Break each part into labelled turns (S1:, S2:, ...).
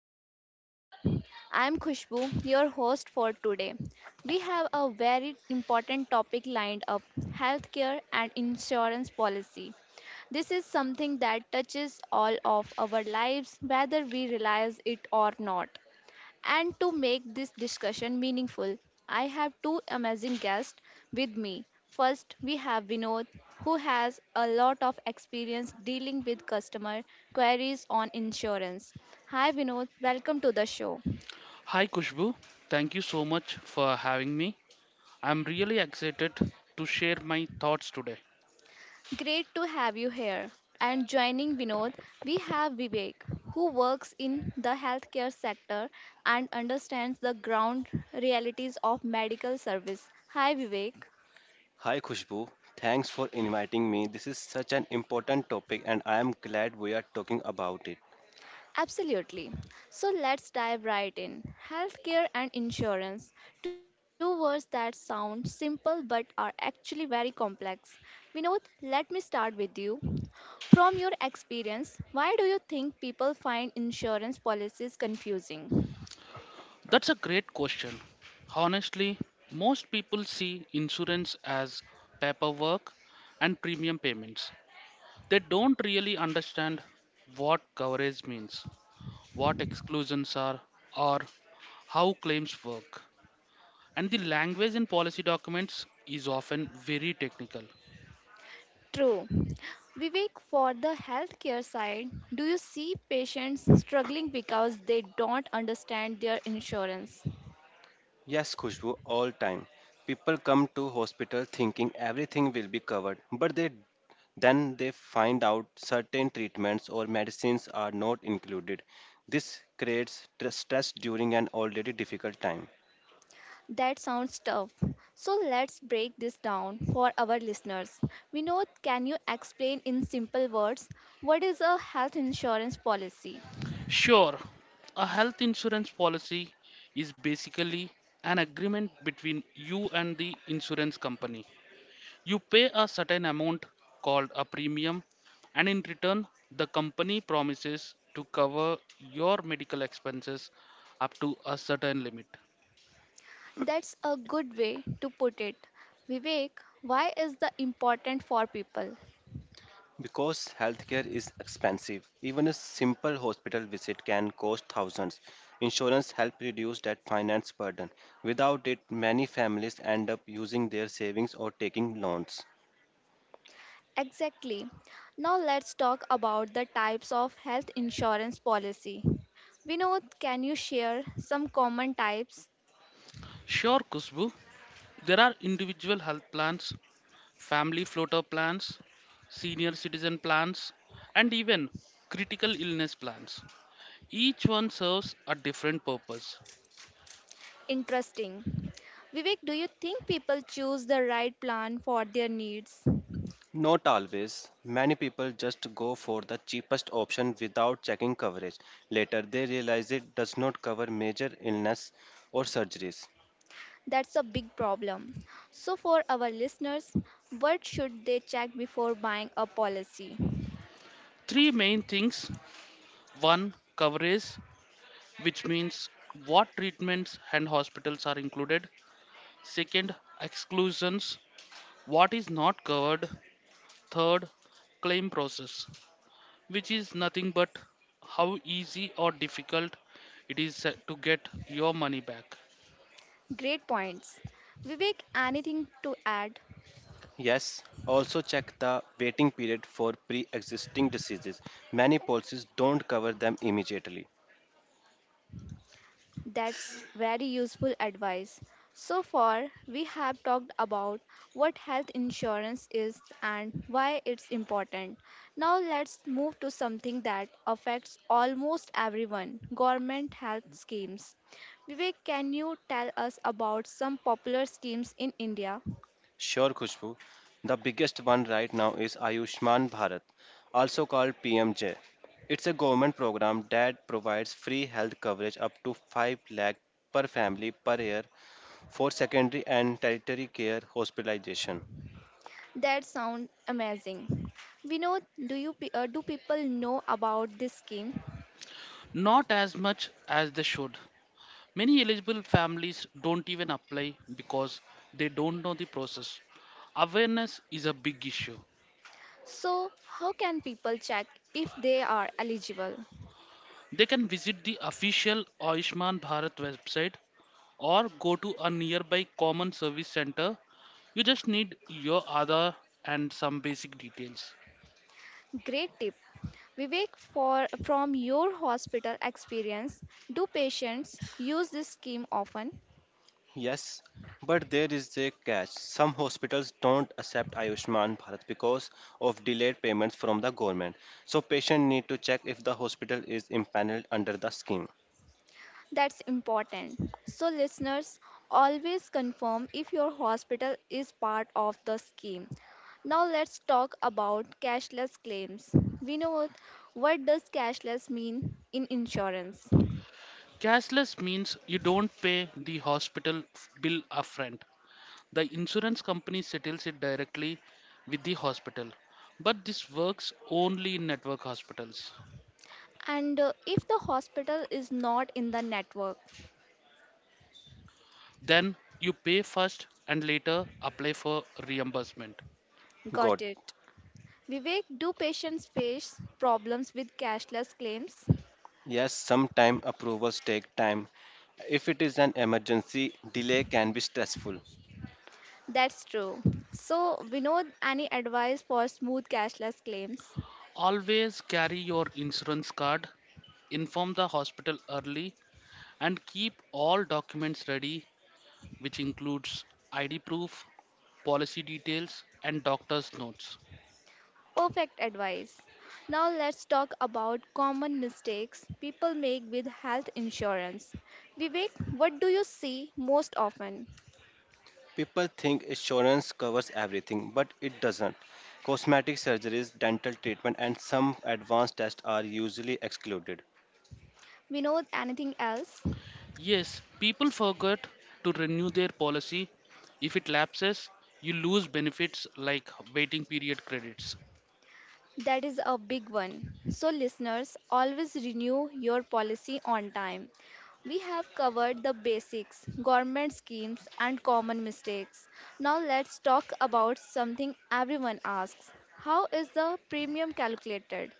S1: Policy Talk Show. I am Khushbu, your host for today. We have a very important topic lined up: healthcare and insurance policy. This is something that touches all of our lives, whether we realize it or not. And to make this discussion meaningful, I have two amazing guests with me. First, we have Vinod, who has a lot of experience dealing with customer queries on insurance. Hi, Vinod, welcome to the show.
S2: Hi Kushbu, thank you so much for having me. I'm really excited to share my thoughts today.
S1: Great to have you here. And joining Vinod, we have Vivek, who works in the healthcare sector and understands the ground realities of medical service. Hi, Vivek.
S3: Hi Khushbu, thanks for inviting me. This is such an important topic and I am glad we are talking about it.
S1: Absolutely. So let's dive right in. Healthcare and insurance, two words that sound simple but are actually very complex. Vinod, let me start with you. From your experience, why do you think people find insurance policies confusing?
S2: That's a great question. Honestly, most people see insurance as paperwork and premium payments. They don't really understand what coverage means, what exclusions are, or how claims work. And the language in policy documents is often very technical.
S1: True. Vivek, for the healthcare side, do you see patients struggling because they don't understand their insurance?
S3: Yes Khushbu, all time. People come to hospital thinking everything will be covered, but they then they find out certain treatments or medicines are not included. This creates stress during an already difficult time.
S1: That sounds tough. So let's break this down for our listeners. Vinod, can you explain in simple words, what is a health insurance policy?
S2: Sure, a health insurance policy is basically an agreement between you and the insurance company. You pay a certain amount called a premium, and in return, the company promises to cover your medical expenses up to a certain limit.
S1: That's a good way to put it. Vivek, why is the important for people?
S3: Because healthcare is expensive, even a simple hospital visit can cost thousands. Insurance helps reduce that finance burden. Without it, many families end up using their savings or taking loans.
S1: Exactly. Now let's talk about the types of health insurance policy. Vinod, can you share some common types?
S2: Sure, Kusbu, there are individual health plans, family floater plans, senior citizen plans, and even critical illness plans. Each one serves a different purpose.
S1: Interesting. Vivek, do you think people choose the right plan for their needs?
S3: Not always. Many people just go for the cheapest option without checking coverage. Later, they realize it does not cover major illness or surgeries.
S1: That's a big problem. So, for our listeners, what should they check before buying a policy?
S2: Three main things: one, coverage, which means what treatments and hospitals are included. Second, exclusions, what is not covered. Third, claim process, which is nothing but how easy or difficult it is to get your money back.
S1: Great points. Vivek, anything to add?
S3: Yes, also check the waiting period for pre existing diseases. Many policies don't cover them immediately.
S1: That's very useful advice. So far, we have talked about what health insurance is and why it's important. Now, let's move to something that affects almost everyone: government health schemes. Vivek, can you tell us about some popular schemes in India?
S3: Sure, Khushbu. The biggest one right now is Ayushman Bharat, also called PMJ. It's a government program that provides free health coverage up to 5 lakh per family per year for secondary and tertiary care hospitalization.
S1: That sounds amazing. Vinod, do people know about this scheme?
S2: Not as much as they should. Many eligible families don't even apply because they don't know the process. Awareness is a big issue.
S1: So, how can people check if they are eligible?
S2: They can visit the official Ayushman Bharat website or go to a nearby common service center. You just need your Aadhaar and some basic details.
S1: Great tip. Vivek, for from your hospital experience, do patients use this scheme often?
S3: Yes, but there is a catch. Some hospitals don't accept Ayushman Bharat because of delayed payments from the government. So patient need to check if the hospital is empaneled under the scheme.
S1: That's important. So, listeners, always confirm if your hospital is part of the scheme. Now, let's talk about cashless claims. Vinod, what does cashless mean in insurance?
S2: Cashless means you don't pay the hospital bill upfront. The insurance company settles it directly with the hospital. But this works only in network hospitals.
S1: And if the hospital is not in the network?
S2: Then you pay first and later apply for reimbursement.
S3: Got
S1: Got it. Vivek, do patients face problems with cashless claims?
S3: Yes, sometimes approvals take time. If it is an emergency, delay can be stressful.
S1: That's true. So, Vinod, any advice for smooth cashless claims?
S2: Always carry your insurance card, inform the hospital early, and keep all documents ready, which includes ID proof, policy details, and doctor's notes.
S1: Perfect advice. Now let's talk about common mistakes people make with health insurance. Vivek, what do you see most often?
S3: People think insurance covers everything, but it doesn't. Cosmetic surgeries, dental treatment, and some advanced tests are usually excluded.
S1: Vinod, anything else?
S2: Yes, people forget to renew their policy. If it lapses, you lose benefits like waiting period credits.
S1: That is a big one. So, listeners, always renew your policy on time. We have covered the basics, government schemes, and common mistakes. Now, let's talk about something everyone asks: how is the premium calculated?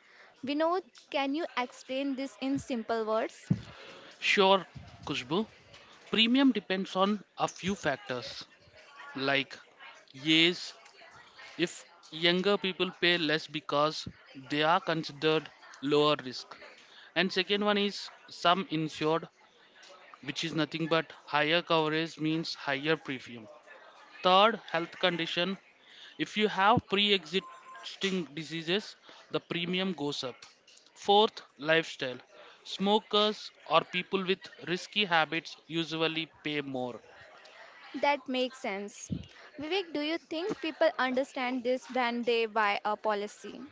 S1: Vinod, can you explain this in simple words?
S2: Sure, Kushbu, premium depends on a few factors like, yes, if younger people pay less because they are considered lower risk, and second one is sum insured, which is nothing but higher coverage means higher premium. Third, health condition: if you have pre-existing diseases, the premium goes up. Fourth, lifestyle: smokers or people with risky habits usually pay more.
S1: That makes sense. Vivek, do you think people understand this when they buy a policy?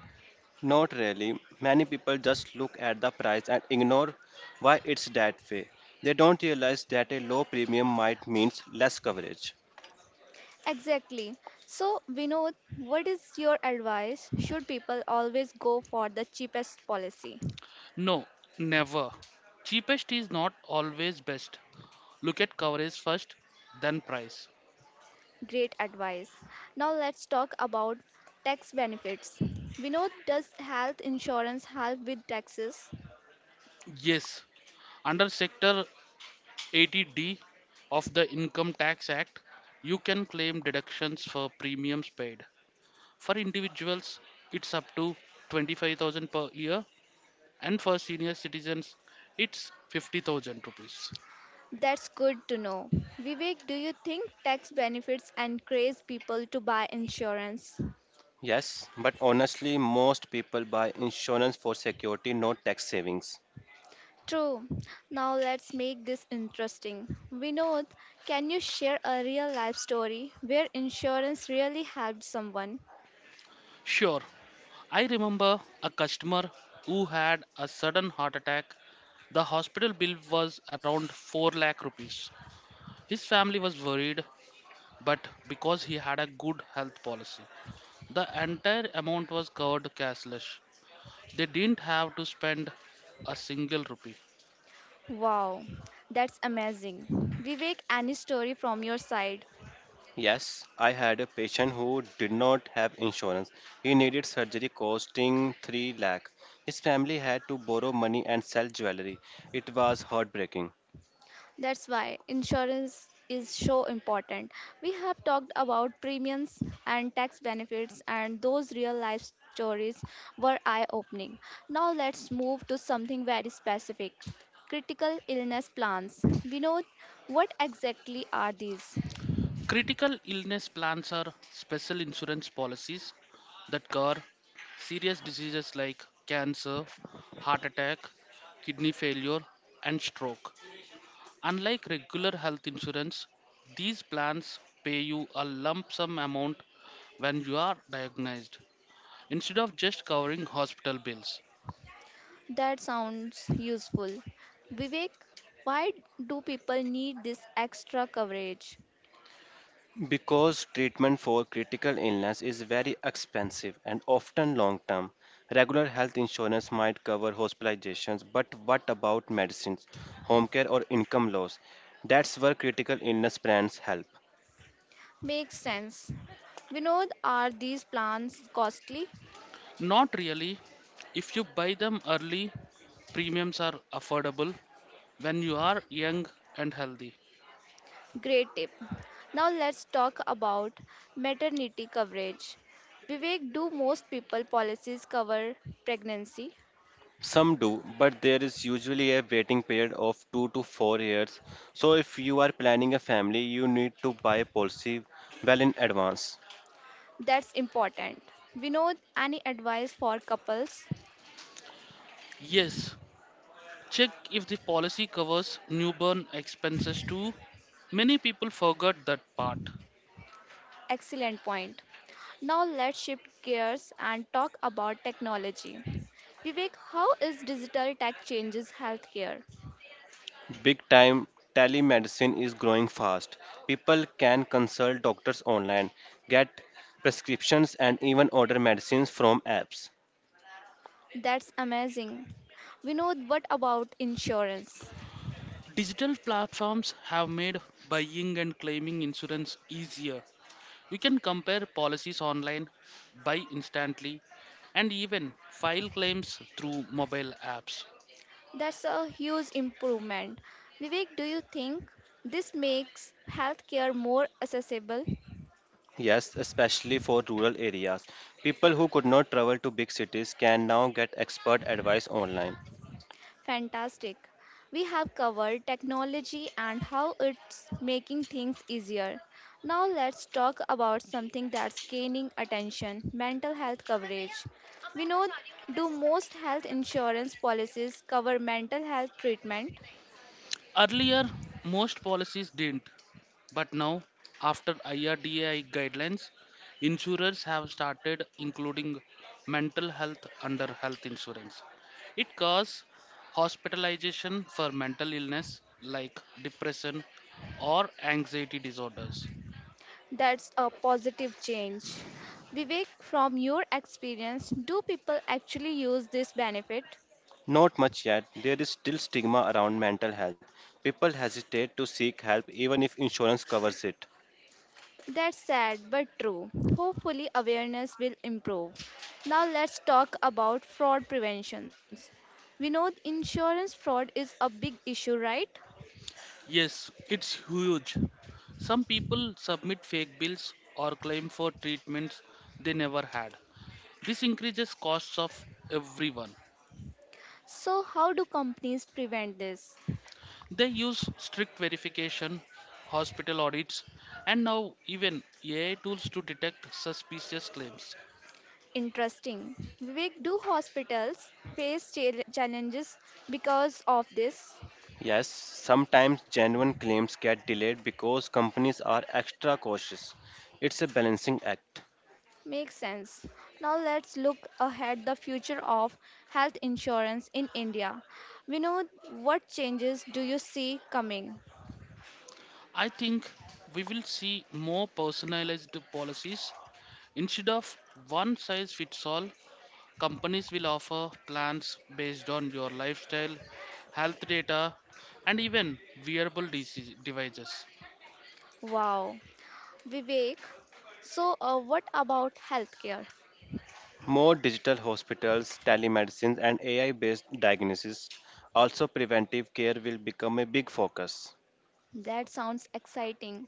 S3: Not really. Many people just look at the price and ignore why it's that way. They don't realize that a low premium might means less coverage.
S1: Exactly. So, Vinod, what is your advice? Should people always go for the cheapest policy?
S2: No, never. Cheapest is not always best. Look at coverage first, then price.
S1: Great advice. Now, let's talk about tax benefits. Vinod, does health insurance help with taxes?
S2: Yes, under Sector 80D of the Income Tax Act, you can claim deductions for premiums paid. For individuals, it's up to 25,000 per year, and for senior citizens, it's 50,000 rupees.
S1: That's good to know. Vivek, do you think tax benefits encourage people to buy insurance?
S3: Yes, but honestly, most people buy insurance for security, not tax savings.
S1: True. Now let's make this interesting. Vinod, can you share a real life story where insurance really helped someone?
S2: Sure. I remember a customer who had a sudden heart attack. The hospital bill was around 4 lakh rupees. His family was worried, but because he had a good health policy, the entire amount was covered cashless. They didn't have to spend a single rupee.
S1: Wow, that's amazing. Vivek, any story from your side?
S3: Yes, I had a patient who did not have insurance. He needed surgery costing 3 lakh. His family had to borrow money and sell jewelry. It was heartbreaking
S1: That's why insurance is so important. We have talked about premiums and tax benefits, and those real life stories were eye opening. Now, let's move to something very specific: critical illness plans. Vinod, what exactly are these?
S2: Critical illness plans are special insurance policies that cover serious diseases like cancer, heart attack, kidney failure, and stroke. Unlike regular health insurance, these plans pay you a lump sum amount when you are diagnosed instead of just covering hospital bills.
S1: That sounds useful. Vivek, why do people need this extra coverage?
S3: because treatment for critical illness is very expensive and often long term. Regular health insurance might cover hospitalizations, but what about medicines, home care, or income loss? That's where critical illness plans help.
S1: Makes sense. Vinod, are these plans costly?
S2: Not really. If you buy them early, premiums are affordable when you are young and healthy.
S1: Great tip. Now let's talk about maternity coverage. Vivek, do most people policies cover pregnancy?
S3: Some do, but there is usually a waiting period of 2 to 4 years. So if you are planning a family, you need to buy a policy well in advance.
S1: That's important. Vinod, any advice for couples?
S2: Yes, check if the policy covers newborn expenses too. Many people forgot that part.
S1: Excellent point. Now let's shift gears and talk about technology. Vivek, how is digital tech changes healthcare?
S3: Big time telemedicine is growing fast. People can consult doctors online, get prescriptions and even order medicines from apps.
S1: That's amazing. Vinod, what about insurance?
S2: Digital platforms have made buying and claiming insurance easier. You can compare policies online, buy instantly, and even file claims through mobile apps.
S1: That's a huge improvement. Vivek, do you think this makes healthcare more accessible?
S3: Yes, especially for rural areas. People who could not travel to big cities can now get expert advice online.
S1: Fantastic. We have covered technology and how it's making things easier. Now let's talk about something that's gaining attention: mental health coverage. We know, do most health insurance policies cover mental health treatment?
S2: Earlier, most policies didn't, but now, after IRDAI guidelines, insurers have started including mental health under health insurance. It covers hospitalization for mental illness like depression or anxiety disorders.
S1: That's a positive change. Vivek, from your experience, do people actually use this benefit?
S3: Not much yet. There is still stigma around mental health. People hesitate to seek help even if insurance covers it.
S1: That's sad but true. Hopefully, awareness will improve. Now, let's talk about fraud preventions. We know insurance fraud is a big issue, right?
S2: Yes, it's huge. Some people submit fake bills or claim for treatments they never had. This increases costs of everyone.
S1: So, how do companies prevent this?
S2: They use strict verification, hospital audits, and now even AI tools to detect suspicious claims.
S1: Interesting. Vivek, do hospitals face challenges because of this?
S3: Yes, sometimes genuine claims get delayed because companies are extra cautious. It's a balancing act.
S1: Makes sense. Now let's look ahead, the future of health insurance in India. We know, what changes do you see coming?
S2: I think we will see more personalized policies. Instead of one size fits all, companies will offer plans based on your lifestyle, health data, and even wearable disease devices.
S1: Wow. Vivek, what about healthcare?
S3: More digital hospitals, telemedicine, and AI based diagnosis, also preventive care, will become a big focus.
S1: That sounds exciting.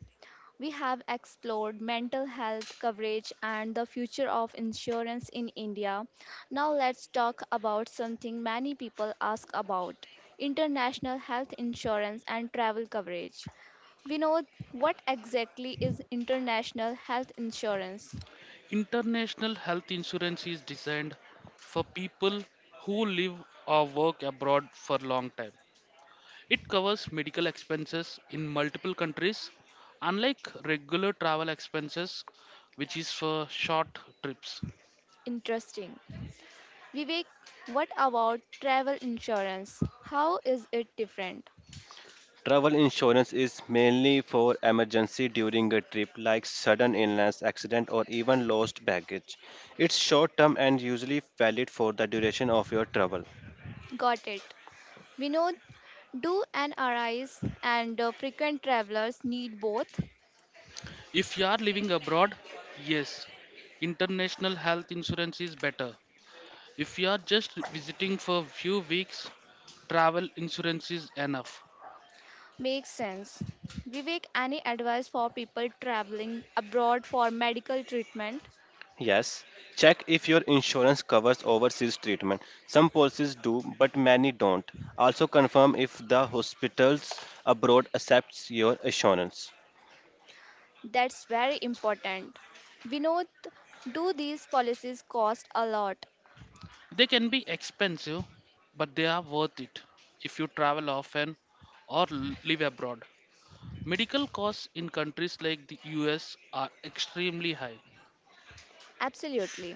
S1: We have explored mental health coverage and the future of insurance in India. Now let's talk about something many people ask about: international health insurance and travel coverage. Vinod, what exactly is international health insurance?
S2: International health insurance is designed for people who live or work abroad for a long time. It covers medical expenses in multiple countries, unlike regular travel expenses, which is for short trips.
S1: Interesting. Vivek, what about travel insurance? How is it different?
S3: Travel insurance is mainly for emergency during a trip like sudden illness, accident or even lost baggage. It's short term and usually valid for the duration of your travel.
S1: Got it. Vinod, do NRIs and frequent travelers need both?
S2: If you are living abroad, yes, international health insurance is better. If you are just visiting for few weeks, travel insurance is enough.
S1: Makes sense. Vivek, any advice for people traveling abroad for medical treatment?
S3: Yes, check if your insurance covers overseas treatment. Some policies do, but many don't. Also confirm if the hospitals abroad accepts your insurance.
S1: That's very important. Vinod, do these policies cost a lot?
S2: They can be expensive, but they are worth it if you travel often or live abroad. Medical costs in countries like the US are extremely high.
S1: Absolutely.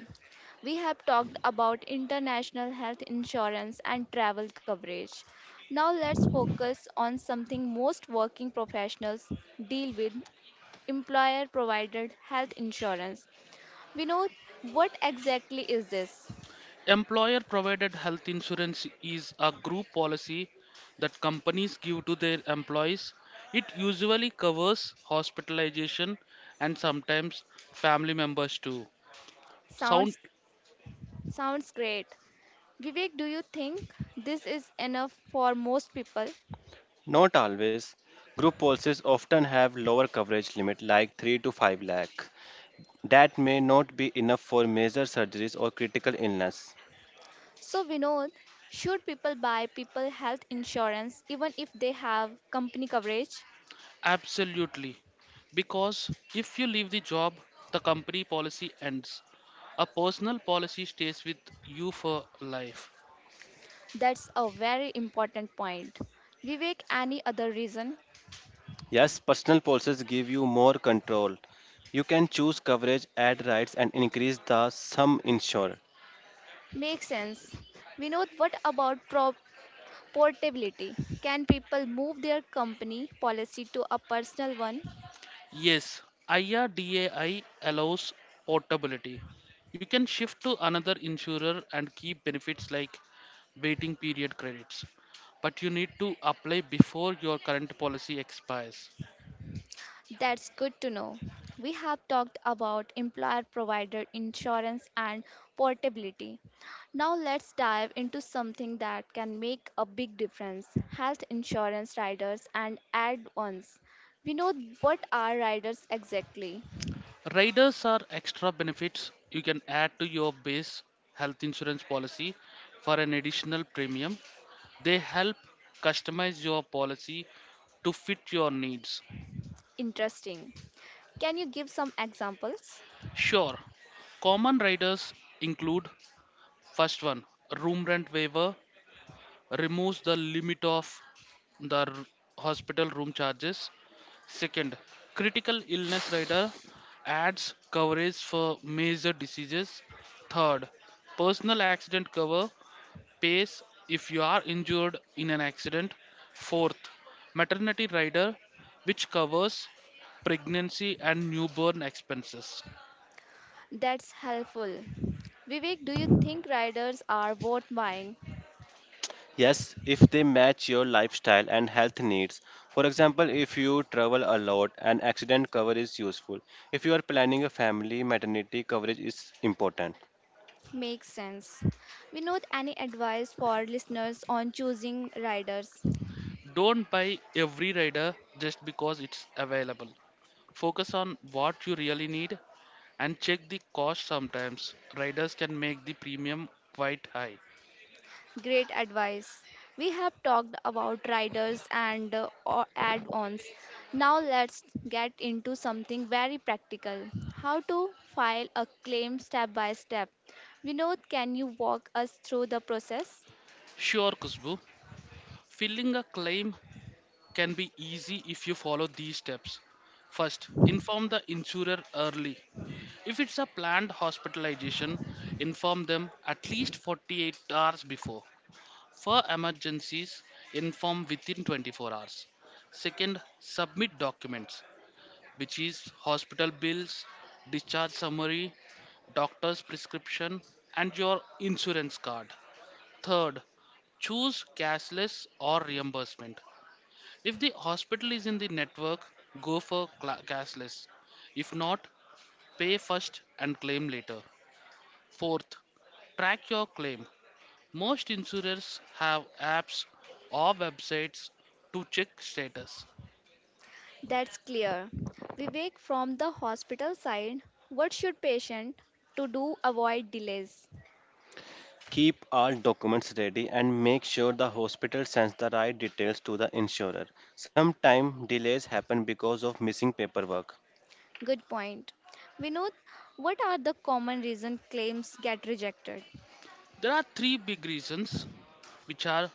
S1: We have talked about international health insurance and travel coverage. Now let's focus on something most working professionals deal with: employer provided health insurance. We know, what exactly is this?
S2: Employer provided health insurance is a group policy that companies give to their employees. It usually covers hospitalization and sometimes family members too. Sound
S1: Sounds Sounds great. Vivek, do you think this is enough for most people?
S3: Not always. Group policies often have lower coverage limit like 3 to 5 lakh, that may not be enough for major surgeries or critical illness.
S1: So Vinod, should people buy people health insurance even if they have company coverage?
S2: absolutely. Because if you leave the job, the company policy ends. A personal policy stays with you for life.
S1: That's a very important point. Vivek, any other reason?
S3: Yes, personal policies give you more control. You can choose coverage, add rights, and increase the sum insured.
S1: Makes sense. Vinod, what about portability? Can people move their company policy to a personal one?
S2: Yes, IRDAI allows portability. You can shift to another insurer and keep benefits like waiting period credits, but you need to apply before your current policy expires.
S1: That's good to know. We have talked about employer provider insurance and portability. Now let's dive into something that can make a big difference: health insurance riders and add ons. We know, what are riders exactly?
S2: Riders are extra benefits you can add to your base health insurance policy for an additional premium. They help customize your policy to fit your needs.
S1: Interesting. Can you give some examples?
S2: Sure, common riders include: first one, room rent waiver removes the limit of the hospital room charges. Second, critical illness rider adds coverage for major diseases. Third, personal accident cover pays if you are injured in an accident. Fourth, maternity rider, which covers pregnancy and newborn expenses.
S1: That's helpful. Vivek, do you think riders are worth buying?
S3: Yes, if they match your lifestyle and health needs. For example, if you travel a lot, an accident cover is useful. If you are planning a family, maternity coverage is important.
S1: Makes sense. Vinod, any advice for listeners on choosing riders?
S2: Don't buy every rider just because it's available. Focus on what you really need and check the cost sometimes. Riders can make the premium quite high.
S1: Great advice. We have talked about riders and add-ons. Now let's get into something very practical: how to file a claim step by step. Vinod, can you walk us through the process?
S2: Sure, Kushbu. Filling a claim can be easy if you follow these steps. First, inform the insurer early. If it's a planned hospitalization, inform them at least 48 hours before. For emergencies, inform within 24 hours. Second, submit documents, which is hospital bills, discharge summary, doctor's prescription, and your insurance card. Third, choose cashless or reimbursement. If the hospital is in the network, go for cla cashless. If not, pay first and claim later. Fourth, track your claim. Most insurers have apps or websites to check status.
S1: That's clear. Vivek, from the hospital side, what should patient to do avoid delays?
S3: Keep all documents ready and make sure the hospital sends the right details to the insurer. Sometimes delays happen because of missing paperwork.
S1: Good point. Vinod, what are the common reason claims get rejected?
S2: There are three big reasons, which are: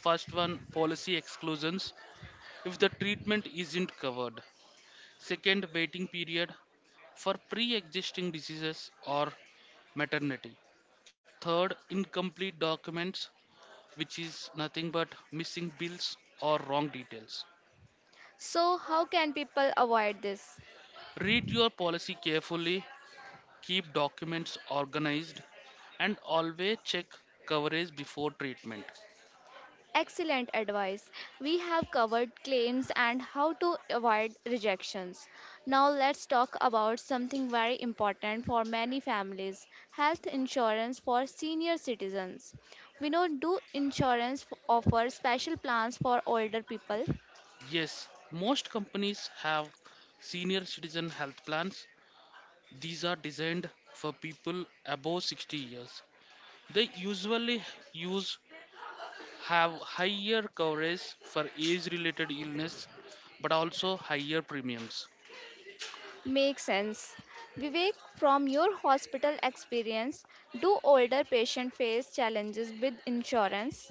S2: first one, policy exclusions, if the treatment isn't covered; second, waiting period for pre-existing diseases or maternity; third, incomplete documents, which is nothing but missing bills or wrong details.
S1: So how can people avoid this?
S2: Read your policy carefully, keep documents organized, and always check coverage before treatment.
S1: Excellent advice. We have covered claims and how to avoid rejections. Now let's talk about something very important for many families: health insurance for senior citizens. We know, do insurance offer special plans for older people?
S2: Yes, most companies have senior citizen health plans. These are designed for people above 60 years. They usually use have higher coverage for age related illness but also higher premiums.
S1: Makes sense. Vivek, from your hospital experience, do older patients face challenges with insurance?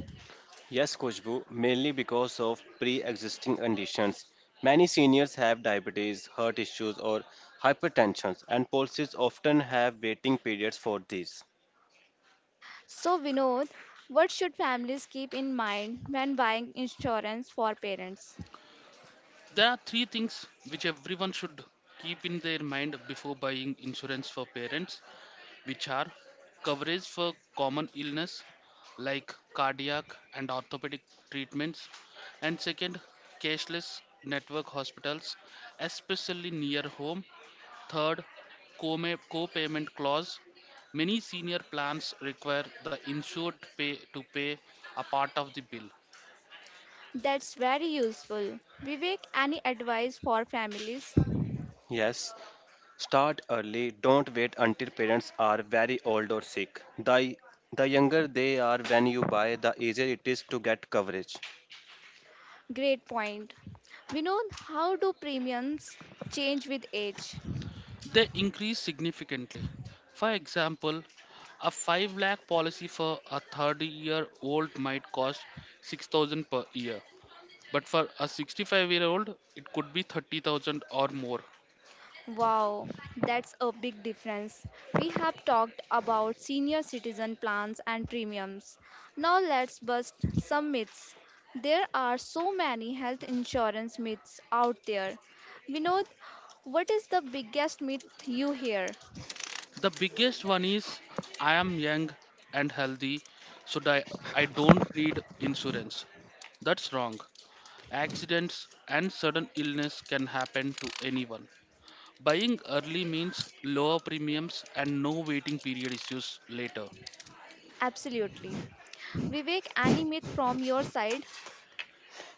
S3: Yes, Kushbu, mainly because of pre existing conditions. Many seniors have diabetes, heart issues, or hypertension, and policies often have waiting periods for these.
S1: So, Vinod, what should families keep in mind when buying insurance for parents?
S2: There are three things which everyone should keep in their mind before buying insurance for parents, which are: coverage for common illness like cardiac and orthopedic treatments; and second, cashless network hospitals, especially near home. Third, co-payment clause. Many senior plans require the insured pay a part of the bill.
S1: That's very useful. Vivek, any advice for families?
S3: Yes, start early. Don't wait until parents are very old or sick. The younger they are when you buy, the easier it is to get coverage.
S1: Great point. Vinod, how do premiums change with age?
S2: They increase significantly. For example, a 5 lakh policy for a 30-year-old might cost 6,000 per year. But for a 65-year-old, it could be 30,000 or more.
S1: Wow, that's a big difference. We have talked about senior citizen plans and premiums. Now let's bust some myths. There are so many health insurance myths out there. Vinod, what is the biggest myth you hear?
S2: The biggest one is, I am young and healthy, so I don't need insurance. That's wrong. Accidents and sudden illness can happen to anyone. Buying early means lower premiums and no waiting period issues later.
S1: Absolutely. Vivek, any myth from your side?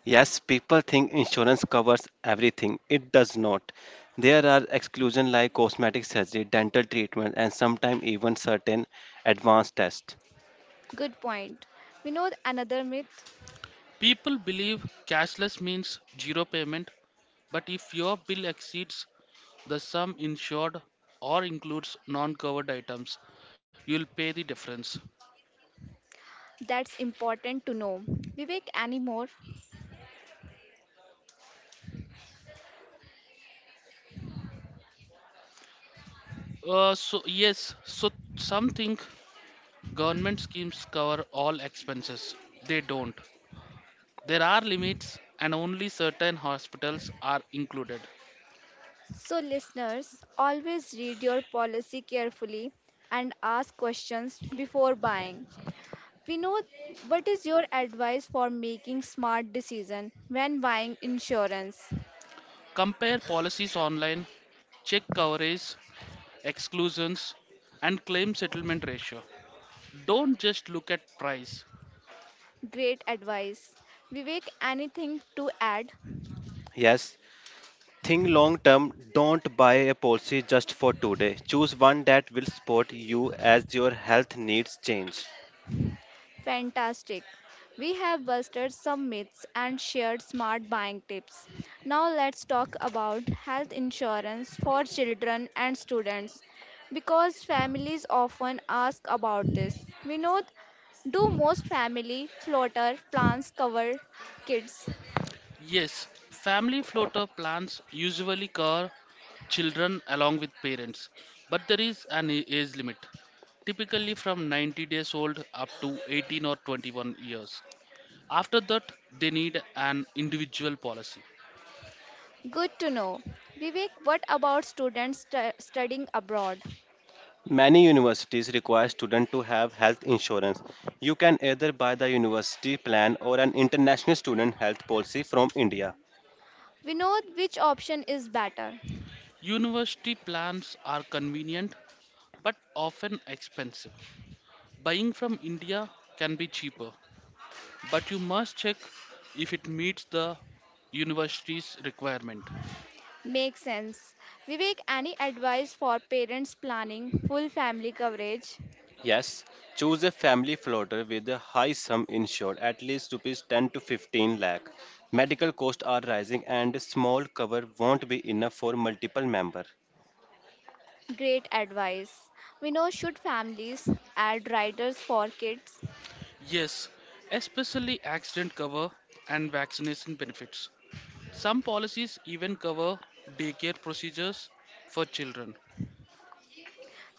S3: Yes, people think insurance covers everything. It does not. There are exclusions like cosmetic surgery, dental treatment, and sometimes even certain advanced tests.
S1: Good point. Vinod, another myth
S2: People believe cashless means zero payment, but if your bill exceeds the sum insured or includes non covered items, you'll pay the difference.
S1: that's important to know. Vivek, any more?
S2: So some think government schemes cover all expenses. They don't. There are limits, and only certain hospitals are included.
S1: So, listeners, always read your policy carefully and ask questions before buying. We know, what is your advice for making smart decision when buying insurance?
S2: Compare policies online, check coverage, exclusions, and claim settlement ratio. Don't just look at price.
S1: Great advice. Vivek, anything to add?
S3: Yes, think long term. Don't buy a policy just for today. Choose one that will support you as your health needs change.
S1: Fantastic. We have busted some myths and shared smart buying tips. Now let's talk about health insurance for children and students, because families often ask about this. Vinod, do most family floater plans cover kids?
S2: Yes, family floater plans usually cover children along with parents, but there is an age limit, typically from 90 days old up to 18 or 21 years. After that, they need an individual policy.
S1: Good to know. Vivek, what about students studying abroad?
S3: Many universities require students to have health insurance. You can either buy the university plan or an international student health policy from India.
S1: Vinod, which option is better?
S2: University plans are convenient but often expensive. Buying from India can be cheaper, but you must check if it meets the university's requirement.
S1: Makes sense. Vivek, any advice for parents planning full family coverage?
S3: Yes, choose a family floater with a high sum insured, at least rupees 10 to 15 lakh. Medical costs are rising and a small cover won't be enough for multiple members.
S1: Great advice. We know, should families add riders for kids?
S2: Yes, especially accident cover and vaccination benefits. Some policies even cover daycare procedures for children.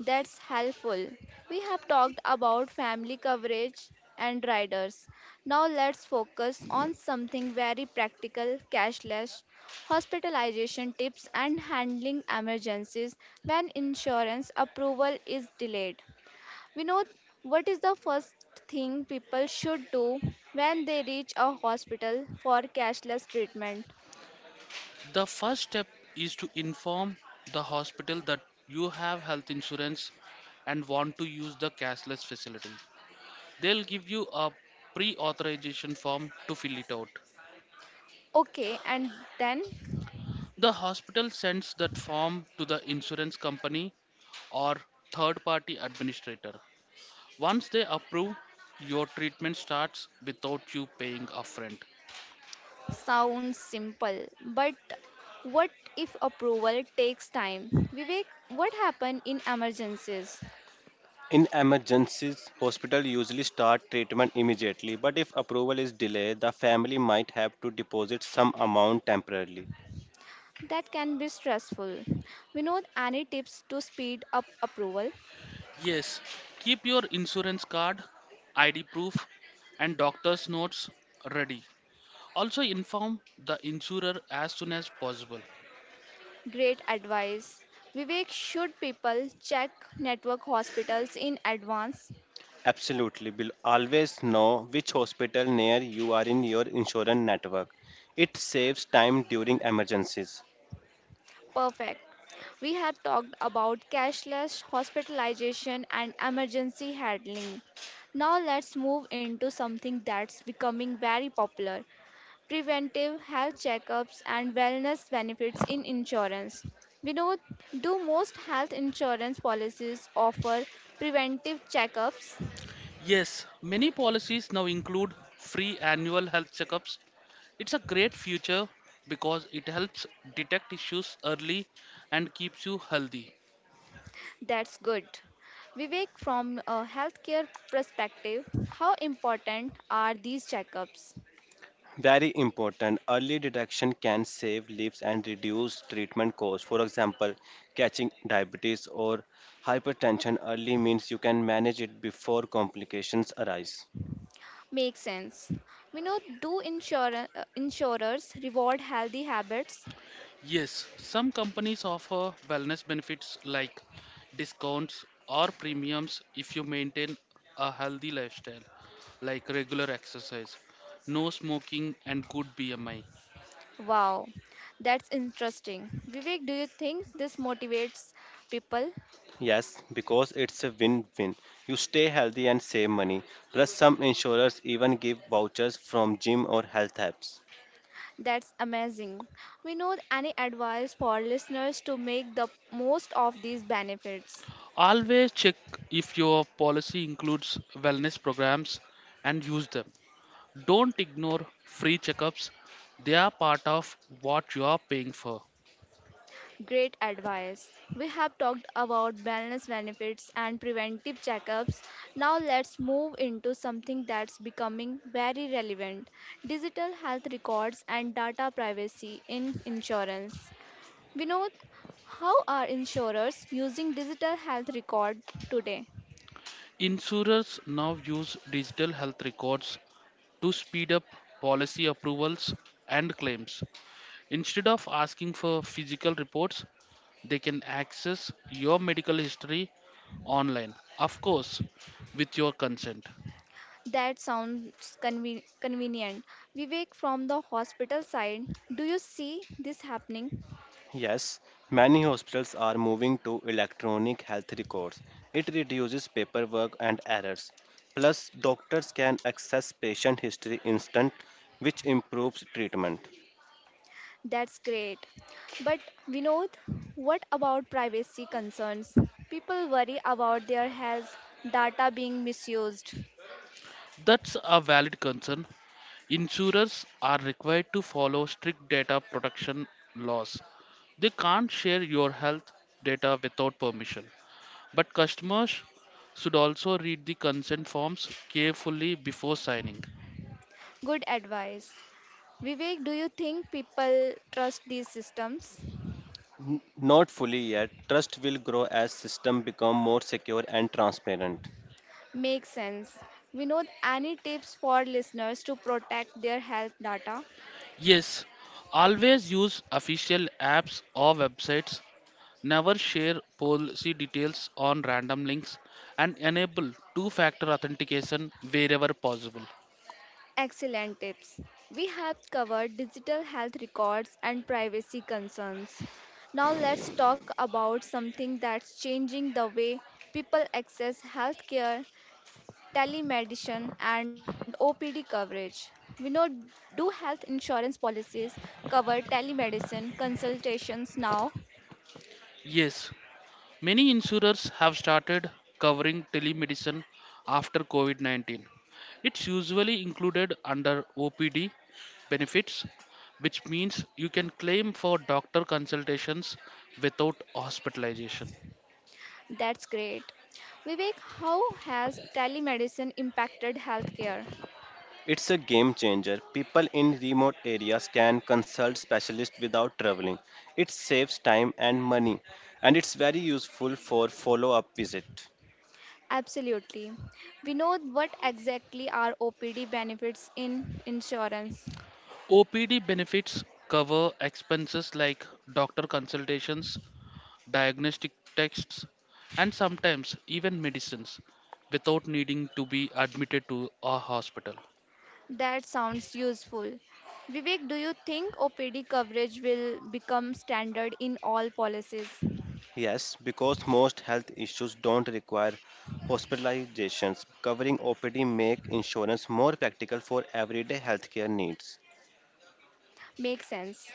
S1: That's helpful. We have talked about family coverage and riders. Now let's focus on something very practical: cashless hospitalization tips and handling emergencies when insurance approval is delayed. We know, what is the first thing people should do when they reach a hospital for cashless treatment?
S2: The first step is to inform the hospital that you have health insurance and want to use the cashless facility. They'll give you a pre authorization form to fill it out.
S1: Okay, and then,
S2: The hospital sends that form to the insurance company or third party administrator. Once they approve, your treatment starts without you paying upfront.
S1: sounds simple, but what if approval takes time? Vivek, what happen in emergencies?
S3: In emergencies, hospital usually start treatment immediately, but if approval is delayed, the family might have to deposit some amount temporarily.
S1: That can be stressful. We know, any tips to speed up approval?
S2: Yes, keep your insurance card, ID proof, and doctor's notes ready. Also, inform the insurer as soon as possible.
S1: Great advice. Vivek, should people check network hospitals in advance?
S3: Absolutely, will always know which hospital near you are in your insurance network. It saves time during emergencies.
S1: Perfect. We have talked about cashless hospitalization and emergency handling. Now let's move into something that's becoming very popular: preventive health checkups and wellness benefits in insurance. We know, do most health insurance policies offer preventive checkups?
S2: Yes, many policies now include free annual health checkups. It's a great feature because it helps detect issues early and keeps you healthy.
S1: That's good. Vivek, from a healthcare perspective, how important are these checkups?
S3: Very important. Early detection can save lives and reduce treatment costs. For example, catching diabetes or hypertension early means you can manage it before complications arise.
S1: Makes sense. We know, do insurers reward healthy habits?
S2: Yes, some companies offer wellness benefits like discounts or premiums if you maintain a healthy lifestyle, like regular exercise, no smoking, and good BMI.
S1: Wow, that's interesting. Vivek, do you think this motivates people?
S3: Yes, because it's a win win. You stay healthy and save money. Plus, some insurers even give vouchers from gym or health apps.
S1: That's amazing. We know, any advice for listeners to make the most of these benefits?
S2: Always check if your policy includes wellness programs and use them. Don't ignore free checkups, they are part of what you are paying for.
S1: Great advice. We have talked about wellness benefits and preventive checkups. Now let's move into something that's becoming very relevant: digital health records and data privacy in insurance. Vinod, how are insurers using digital health record today?
S2: Insurers now use digital health records to speed up policy approvals and claims. Instead of asking for physical reports, they can access your medical history online, of course, with your consent.
S1: That sounds convenient. Vivek, from the hospital side, do you see this happening?
S3: Yes, many hospitals are moving to electronic health records. It reduces paperwork and errors. Plus, doctors can access patient history instant, which improves treatment.
S1: That's great. But Vinod, what about privacy concerns? People worry about their health data being misused.
S2: That's a valid concern. Insurers are required to follow strict data protection laws. They can't share your health data without permission. But customers should also read the consent forms carefully before signing.
S1: Good advice. Vivek, do you think people trust these systems?
S3: Not fully yet, trust will grow as system become more secure and transparent.
S1: Makes sense. Vinod, any tips for listeners to protect their health data?
S2: Yes, always use official apps or websites. Never share policy details on random links and enable two factor authentication wherever possible.
S1: Excellent tips. We have covered digital health records and privacy concerns. Now let's talk about something that's changing the way people access healthcare, telemedicine, and OPD coverage. We know, do health insurance policies cover telemedicine consultations now?
S2: Yes, many insurers have started covering telemedicine after COVID 19. It's usually included under OPD benefits, which means you can claim for doctor consultations without hospitalization.
S1: That's great. Vivek, how has telemedicine impacted healthcare?
S3: It's a game changer. People in remote areas can consult specialists without traveling. It saves time and money, and it's very useful for follow-up visit.
S1: Absolutely. We know what exactly are OPD benefits in insurance.
S2: OPD benefits cover expenses like doctor consultations, diagnostic tests, and sometimes even medicines without needing to be admitted to a hospital.
S1: That sounds useful. Vivek, do you think OPD coverage will become standard in all policies?
S3: Yes, because most health issues don't require hospitalizations. Covering OPD make insurance more practical for everyday healthcare needs.
S1: Makes sense.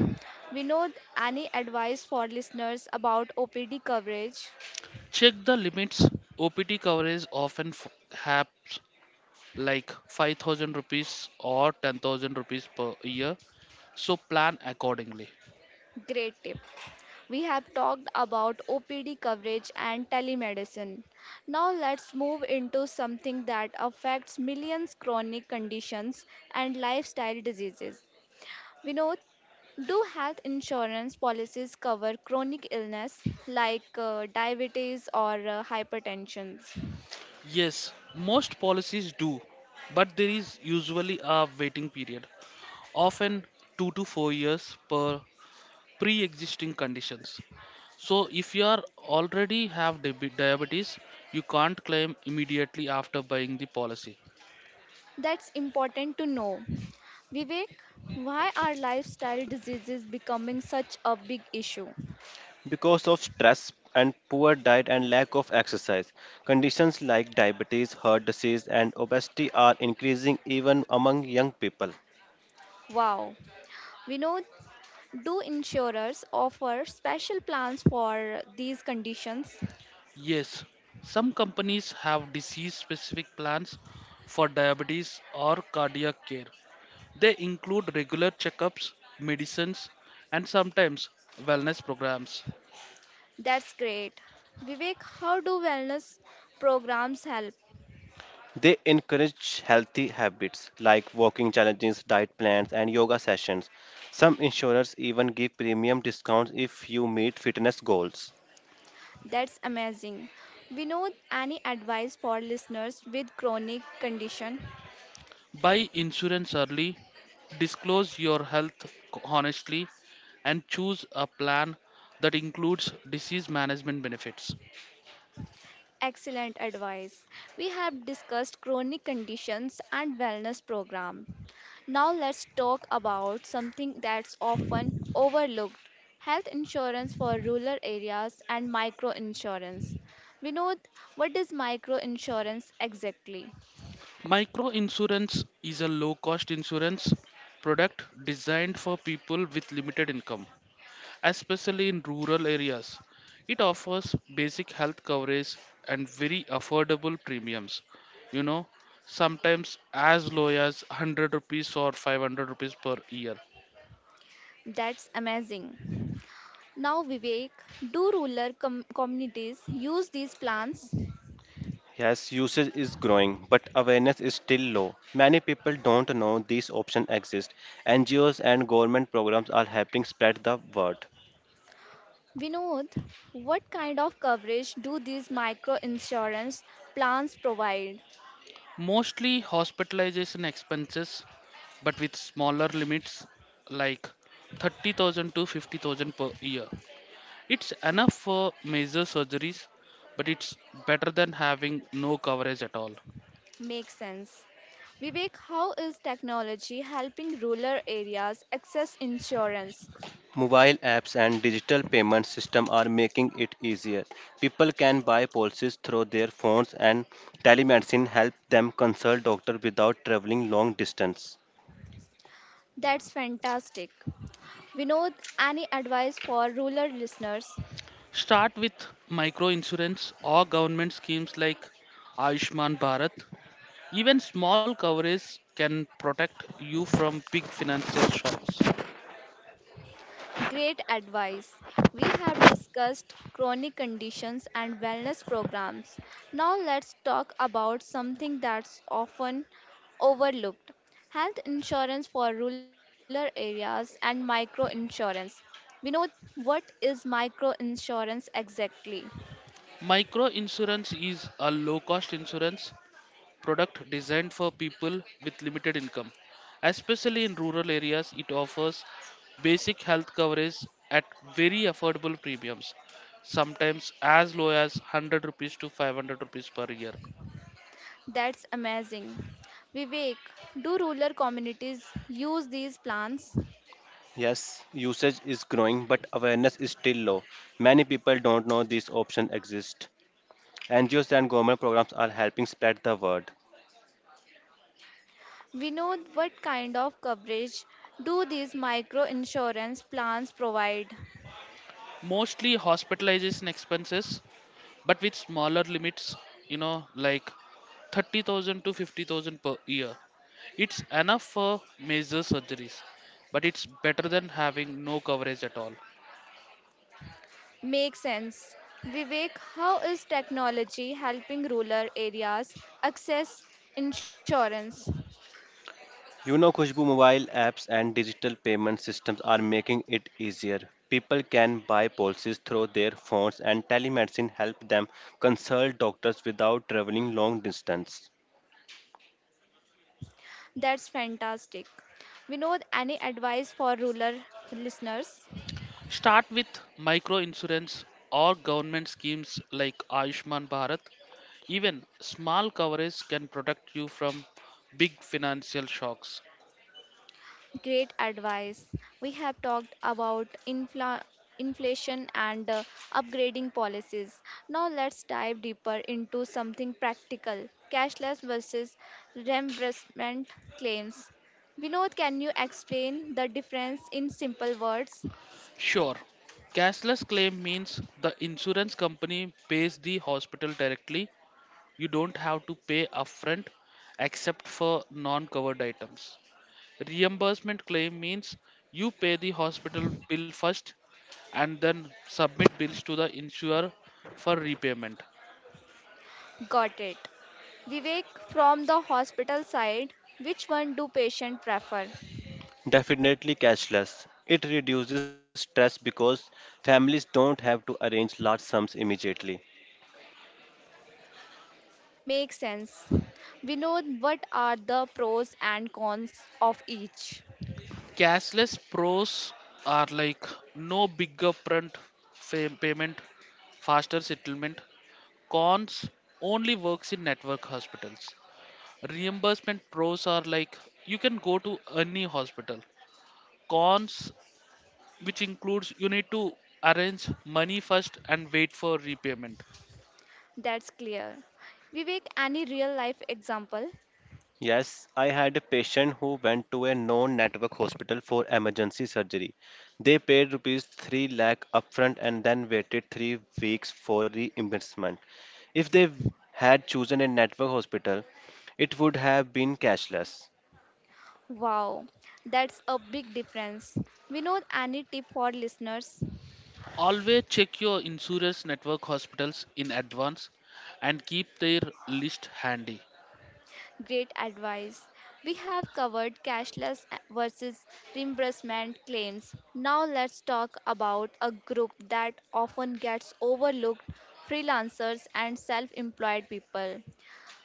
S1: We know any advice for listeners about OPD coverage?
S2: Check the limits. OPD coverage has like 5,000 rupees or 10,000 rupees per year, so plan accordingly.
S1: Great tip. We have talked about OPD coverage and telemedicine. Now let's move into something that affects millions chronic conditions and lifestyle diseases. We know, do health insurance policies cover chronic illness like diabetes or hypertension?
S2: Yes, most policies do, but there is usually a waiting period, often 2 to 4 years per pre existing conditions. So, if you are already have diabetes, you can't claim immediately after buying the policy.
S1: That's important to know. Vivek, why are lifestyle diseases becoming such a big issue?
S3: Because of stress and poor diet and lack of exercise, conditions like diabetes, heart disease and obesity are increasing even among young people.
S1: Wow. We know, do insurers offer special plans for these conditions?
S2: Yes, some companies have disease specific plans for diabetes or cardiac care. They include regular checkups, medicines, and sometimes wellness programs.
S1: That's great. Vivek, how do wellness programs help?
S3: They encourage healthy habits like walking challenges, diet plans and yoga sessions. Some insurers even give premium discounts if you meet fitness goals.
S1: That's amazing. We know any advice for listeners with chronic condition?
S2: Buy insurance early, disclose your health honestly, and choose a plan that includes disease management benefits.
S1: Excellent advice. We have discussed chronic conditions and wellness program. Now let's talk about something that's often overlooked. Health insurance for rural areas and micro insurance. Vinod, what is micro insurance exactly?
S2: Micro insurance is a low cost insurance product designed for people with limited income, especially in rural areas. It offers basic health coverage and very affordable premiums. You know, Sometimes as low as 100 rupees or 500 rupees per year.
S1: That's amazing. Now, Vivek, do rural communities use these plans?
S3: Yes, usage is growing, but awareness is still low. Many people don't know these options exist. NGOs and government programs are helping spread the word.
S1: Vinod, what kind of coverage do these micro insurance plans provide?
S2: Mostly hospitalization expenses, but with smaller limits like 30,000 to 50,000 per year. It's enough for major surgeries, but it's better than having no coverage at all.
S1: Makes sense. Vivek, how is technology helping rural areas access insurance?
S3: Mobile apps and digital payment systems are making it easier. People can buy policies through their phones and telemedicine help them consult doctor without traveling long distance.
S1: That's fantastic. Vinod, any advice for rural listeners?
S2: Start with micro insurance or government schemes like Ayushman Bharat. Even small coverage can protect you from big financial shocks.
S1: Great advice. We have discussed chronic conditions and wellness programs. Now let's talk about something that's often overlooked health insurance for rural areas and micro insurance. We know what is micro insurance exactly.
S2: Micro insurance is a low cost insurance product designed for people with limited income. Especially in rural areas, it offers basic health coverage at very affordable premiums, sometimes as low as 100 rupees to 500 rupees per year.
S1: That's amazing. Vivek, do rural communities use these plans?
S3: Yes, usage is growing, but awareness is still low. Many people don't know these options exist. NGOs and government programs are helping spread the word.
S1: We know what kind of coverage do these micro insurance plans provide?
S2: Mostly hospitalization expenses, but with smaller limits, like 30,000 to 50,000 per year. It's enough for major surgeries, but it's better than having no coverage at all.
S1: Makes sense. Vivek, how is technology helping rural areas access insurance?
S3: You know, Khushbu, mobile apps and digital payment systems are making it easier. People can buy policies through their phones, and telemedicine help them consult doctors without traveling long distance.
S1: That's fantastic. We know any advice for rural listeners?
S2: Start with micro insurance or government schemes like Ayushman Bharat. Even small coverage can protect you from big financial shocks.
S1: Great advice. We have talked about inflation and upgrading policies. Now let's dive deeper into something practical cashless versus reimbursement claims. Vinod, can you explain the difference in simple words?
S2: Sure, cashless claim means the insurance company pays the hospital directly. You don't have to pay upfront except for non covered items. Reimbursement claim means you pay the hospital bill first and then submit bills to the insurer for repayment.
S1: Got it. Vivek, from the hospital side, which one do patient prefer?
S3: Definitely cashless. It reduces stress because families don't have to arrange large sums immediately.
S1: Makes sense. Vinod, what are the pros and cons of each?
S2: Cashless pros are like no big upfront payment, faster settlement. Cons only works in network hospitals. Reimbursement pros are like you can go to any hospital. Cons, which includes you need to arrange money first and wait for repayment.
S1: That's clear. Vivek, any real life example?
S3: Yes, I had a patient who went to a non-network hospital for emergency surgery. They paid rupees 3 lakh upfront and then waited 3 weeks for reimbursement. If they had chosen a network hospital, it would have been cashless.
S1: Wow, that's a big difference. We know any tip for listeners?
S2: Always check your insurance network hospitals in advance and keep their list handy.
S1: Great advice. We have covered cashless versus reimbursement claims. Now let's talk about a group that often gets overlooked freelancers and self employed people.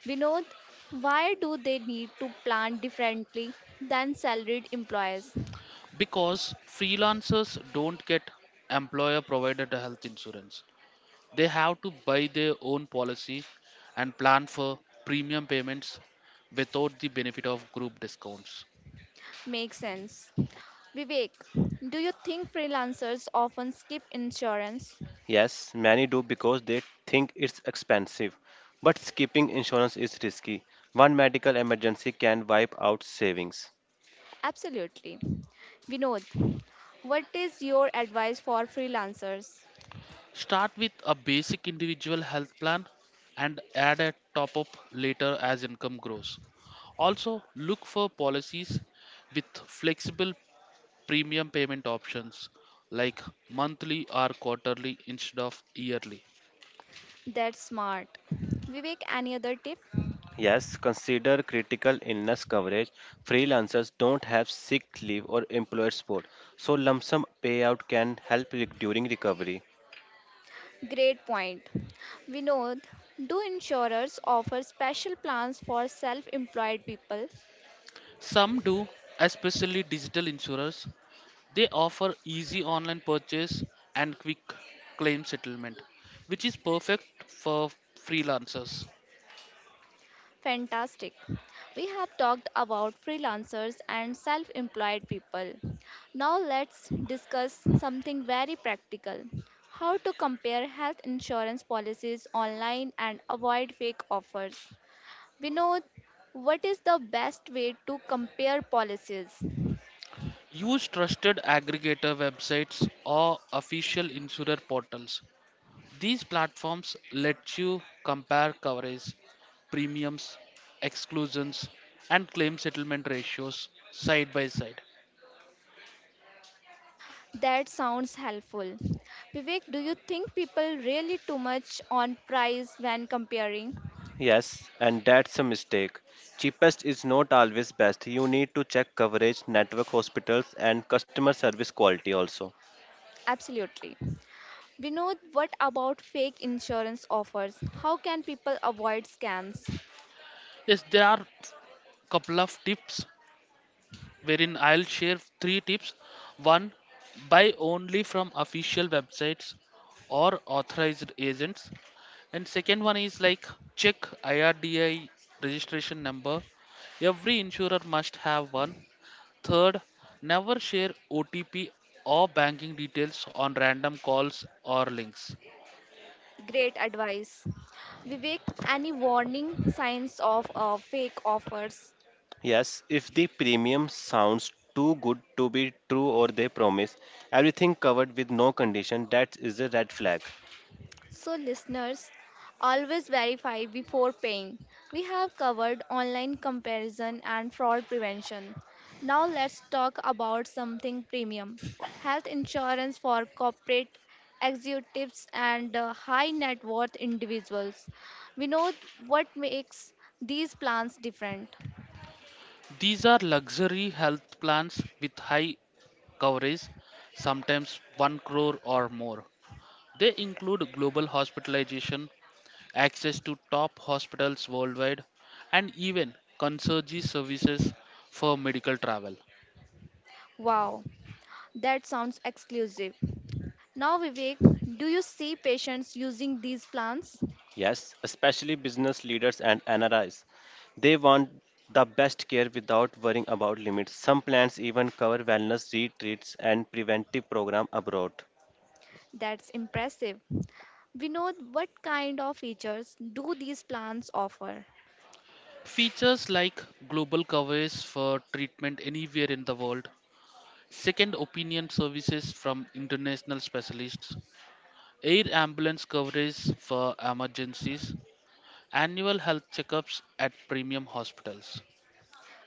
S1: Vinod, why do they need to plan differently than salaried employees?
S2: Because freelancers don't get employer provided health insurance. They have to buy their own policy and plan for premium payments without the benefit of group discounts.
S1: Makes sense. Vivek, do you think freelancers often skip insurance?
S3: Yes, many do because they think it's expensive, but skipping insurance is risky. One medical emergency can wipe out savings.
S1: Absolutely. Vinod, what is your advice for freelancers?
S2: Start with a basic individual health plan and add a top up later as income grows. Also, look for policies with flexible premium payment options like monthly or quarterly instead of yearly.
S1: That's smart. Vivek, any other tip?
S3: Yes, consider critical illness coverage. Freelancers don't have sick leave or employer support, so lump sum payout can help during recovery.
S1: Great point. Vinod, do insurers offer special plans for self employed people?
S2: Some do, especially digital insurers. They offer easy online purchase and quick claim settlement, which is perfect for freelancers.
S1: Fantastic. We have talked about freelancers and self employed people. Now let's discuss something very practical how to compare health insurance policies online and avoid fake offers. Vinod, what is the best way to compare policies?
S2: Use trusted aggregator websites or official insurer portals. These platforms let you compare coverage, premiums, exclusions, and claim settlement ratios side by side.
S1: That sounds helpful. Vivek, do you think people really too much on price when comparing?
S3: Yes, and that's a mistake. Cheapest is not always best. You need to check coverage, network hospitals, and customer service quality also.
S1: Absolutely. We know what about fake insurance offers? How can people avoid scams?
S2: Yes, there are couple of tips wherein I'll share three tips. One, buy only from official websites or authorized agents. And second one is like check IRDI registration number. Every insurer must have one. Third, never share OTP or banking details on random calls or links.
S1: Great advice. Vivek, any warning signs of fake offers?
S3: Yes, if the premium sounds too good to be true or they promise everything covered with no condition, that is a red flag.
S1: So, listeners, always verify before paying. We have covered online comparison and fraud prevention. Now, let's talk about something premium health insurance for corporate executives and high net worth individuals. We know what makes these plans different.
S2: These are luxury health plans with high coverage, sometimes 1 crore or more. They include global hospitalization, access to top hospitals worldwide, and even concierge services for medical travel.
S1: Wow, that sounds exclusive. Now, Vivek, do you see patients using these plans?
S3: Yes, especially business leaders and NRIs. They want the best care without worrying about limits. Some plans even cover wellness retreats and preventive program abroad.
S1: That's impressive. We know what kind of features do these plans offer?
S2: Features like global coverage for treatment anywhere in the world, second opinion services from international specialists, air ambulance coverage for emergencies, annual health checkups at premium hospitals.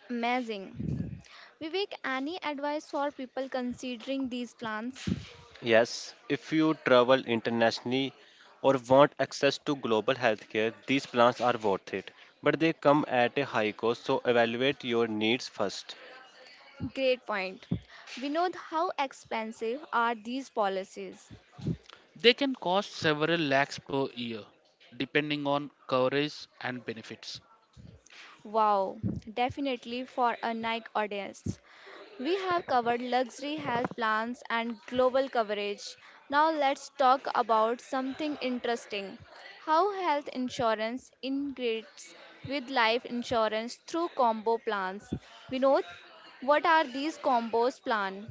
S1: Amazing. Vivek, any advice for people considering these plans?
S3: Yes, if you travel internationally or want access to global healthcare, these plans are worth it. But they come at a high cost, so evaluate your needs first.
S1: Great point. Vinod, how expensive are these policies?
S2: They can cost several lakhs per year, depending on coverage and benefits.
S1: Wow, definitely for a Nike audience. We have covered luxury health plans and global coverage. Now let's talk about something interesting how health insurance integrates with life insurance through combo plans. Vinod, what are these combos plan?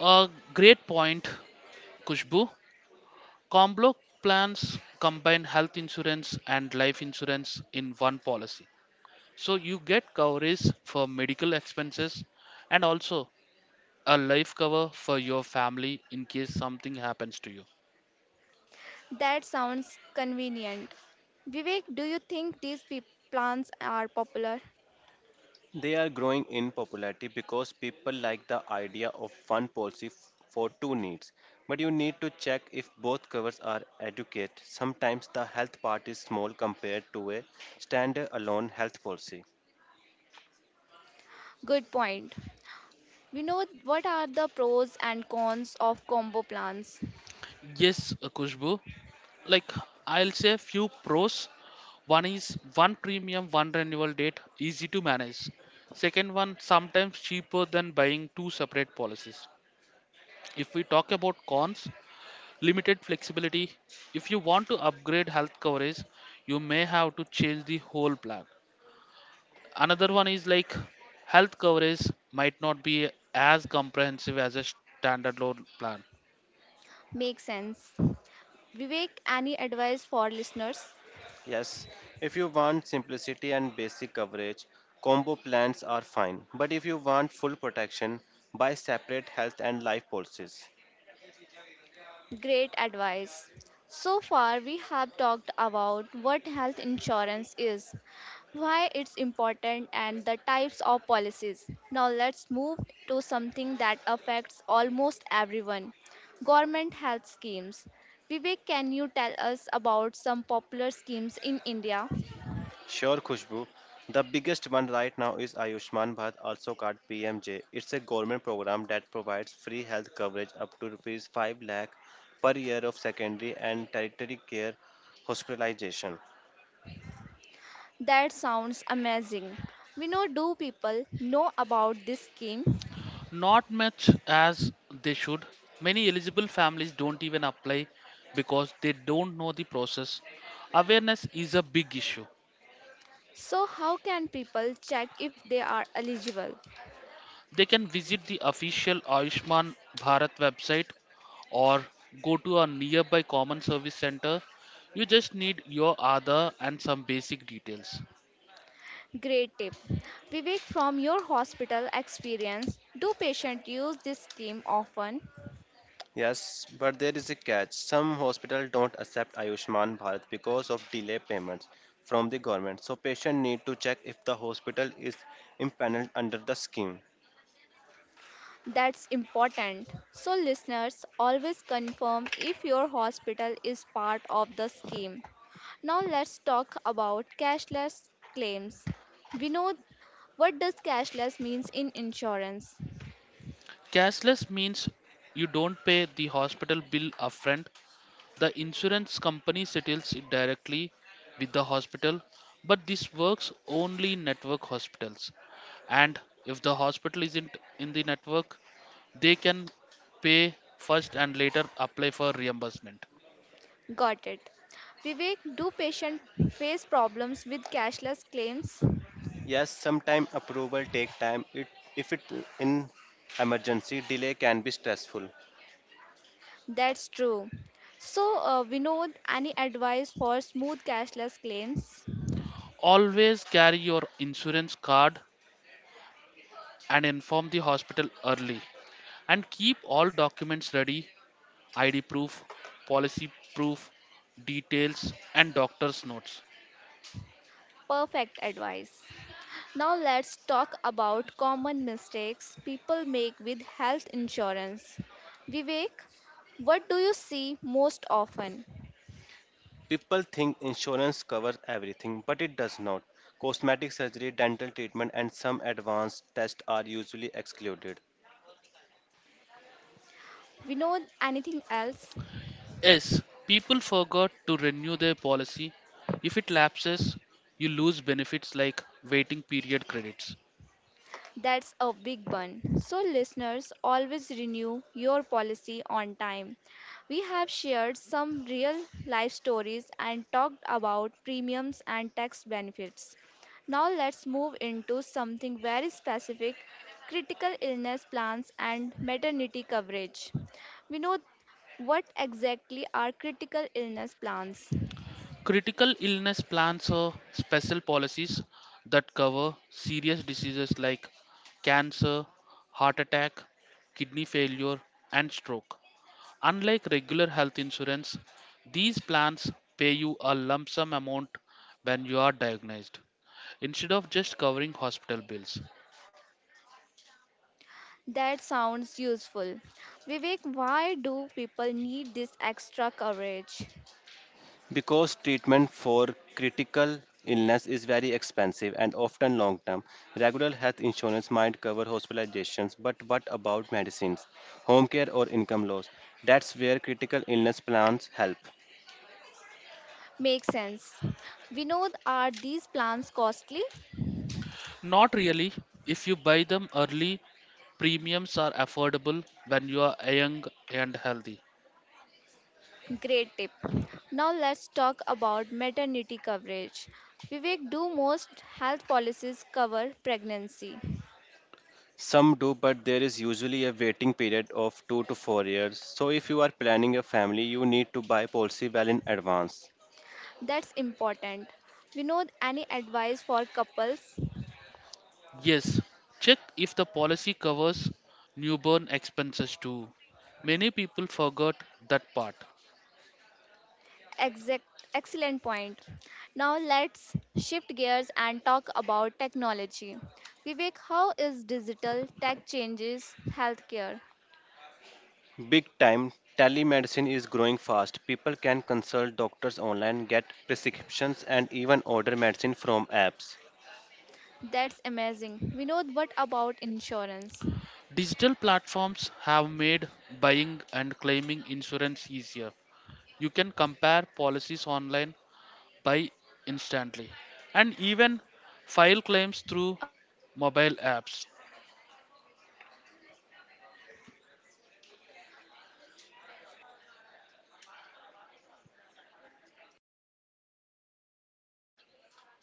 S2: A great point, Kushbu. Comblock plans combine health insurance and life insurance in one policy. So you get coverage for medical expenses and also a life cover for your family in case something happens to you.
S1: That sounds convenient. Vivek, do you think these plans are popular?
S3: They are growing in popularity because people like the idea of one policy for two needs. But you need to check if both covers are adequate. Sometimes the health part is small compared to a standalone health policy.
S1: Good point. We know what are the pros and cons of combo plans.
S2: Yes, Kushbu. Like I'll say a few pros. One is one premium, one renewal date, easy to manage. Second one, sometimes cheaper than buying two separate policies. If we talk about cons, limited flexibility. If you want to upgrade health coverage, you may have to change the whole plan. Another one is like health coverage might not be as comprehensive as a standalone plan.
S1: Makes sense. Vivek, any advice for listeners?
S3: Yes, if you want simplicity and basic coverage, combo plans are fine. But if you want full protection, buy separate health and life policies.
S1: Great advice. So far, we have talked about what health insurance is, why it's important, and the types of policies. Now, let's move to something that affects almost everyone government health schemes. Vivek, can you tell us about some popular schemes in India?
S3: Sure, Khushbu. The biggest one right now is Ayushman Bharat, also called PMJ. It's a government program that provides free health coverage up to rupees 5 lakh per year of secondary and tertiary care hospitalization.
S1: That sounds amazing. We know, do people know about this scheme?
S2: Not much as they should. Many eligible families don't even apply because they don't know the process. Awareness is a big issue.
S1: So, how can people check if they are eligible?
S2: They can visit the official Ayushman Bharat website or go to a nearby common service center. You just need your Aadhaar and some basic details.
S1: Great tip. Vivek, from your hospital experience, do patients use this scheme often?
S3: Yes, but there is a catch. Some hospitals don't accept Ayushman Bharat because of delay payments from the government. So patient need to check if the hospital is impaneled under the scheme.
S1: That's important. So, listeners, always confirm if your hospital is part of the scheme. Now, let's talk about cashless claims. We know what does cashless means in insurance.
S2: Cashless means you don't pay the hospital bill upfront. The insurance company settles it directly with the hospital, but this works only in network hospitals. And if the hospital isn't in the network, they can pay first and later apply for reimbursement.
S1: Got it. Vivek, do patients face problems with cashless claims?
S3: Yes, sometime approval take time. It if it in emergency delay can be stressful.
S1: That's true. So, Vinod, any advice for smooth cashless claims?
S2: Always carry your insurance card and inform the hospital early. And keep all documents ready ID proof, policy proof, details, and doctor's notes.
S1: Perfect advice. Now, let's talk about common mistakes people make with health insurance. Vivek, what do you see most often?
S3: People think insurance covers everything, but it does not. Cosmetic surgery, dental treatment, and some advanced tests are usually excluded.
S1: Vinod, anything else?
S2: Yes, people forgot to renew their policy. If it lapses, you lose benefits like waiting period credits.
S1: That's a big one. So, listeners, always renew your policy on time. We have shared some real life stories and talked about premiums and tax benefits. Now, let's move into something very specific critical illness plans and maternity coverage. We know what exactly are critical illness plans?
S2: Critical illness plans are special policies that cover serious diseases like cancer, heart attack, kidney failure, and stroke. Unlike regular health insurance, these plans pay you a lump sum amount when you are diagnosed instead of just covering hospital bills.
S1: That sounds useful. Vivek, why do people need this extra coverage?
S3: Because treatment for critical illness is very expensive and often long term, regular health insurance might cover hospitalizations, but what about medicines, home care, or income loss? That's where critical illness plans help.
S1: Makes sense. Vinod, are these plans costly?
S2: Not really. If you buy them early, premiums are affordable when you are young and healthy.
S1: Great tip. Now let's talk about maternity coverage. Vivek, do most health policies cover pregnancy?
S3: Some do, but there is usually a waiting period of 2 to 4 years. So, if you are planning a family, you need to buy policy well in advance.
S1: That's important. Vinod, any advice for couples?
S2: Yes, check if the policy covers newborn expenses too. Many people forgot that part.
S1: Exact, Excellent point. Now let's shift gears and talk about technology. Vivek, how is digital tech changes healthcare?
S3: Big time, telemedicine is growing fast. People can consult doctors online, get prescriptions, and even order medicine from apps.
S1: That's amazing. Vinod, what about insurance?
S2: Digital platforms have made buying and claiming insurance easier. You can compare policies online, buy instantly, and even file claims through
S1: आवाज नहीं आ रही
S2: mobile apps.
S1: आवाज नहीं आ रही That's huge important. Vivek, do you think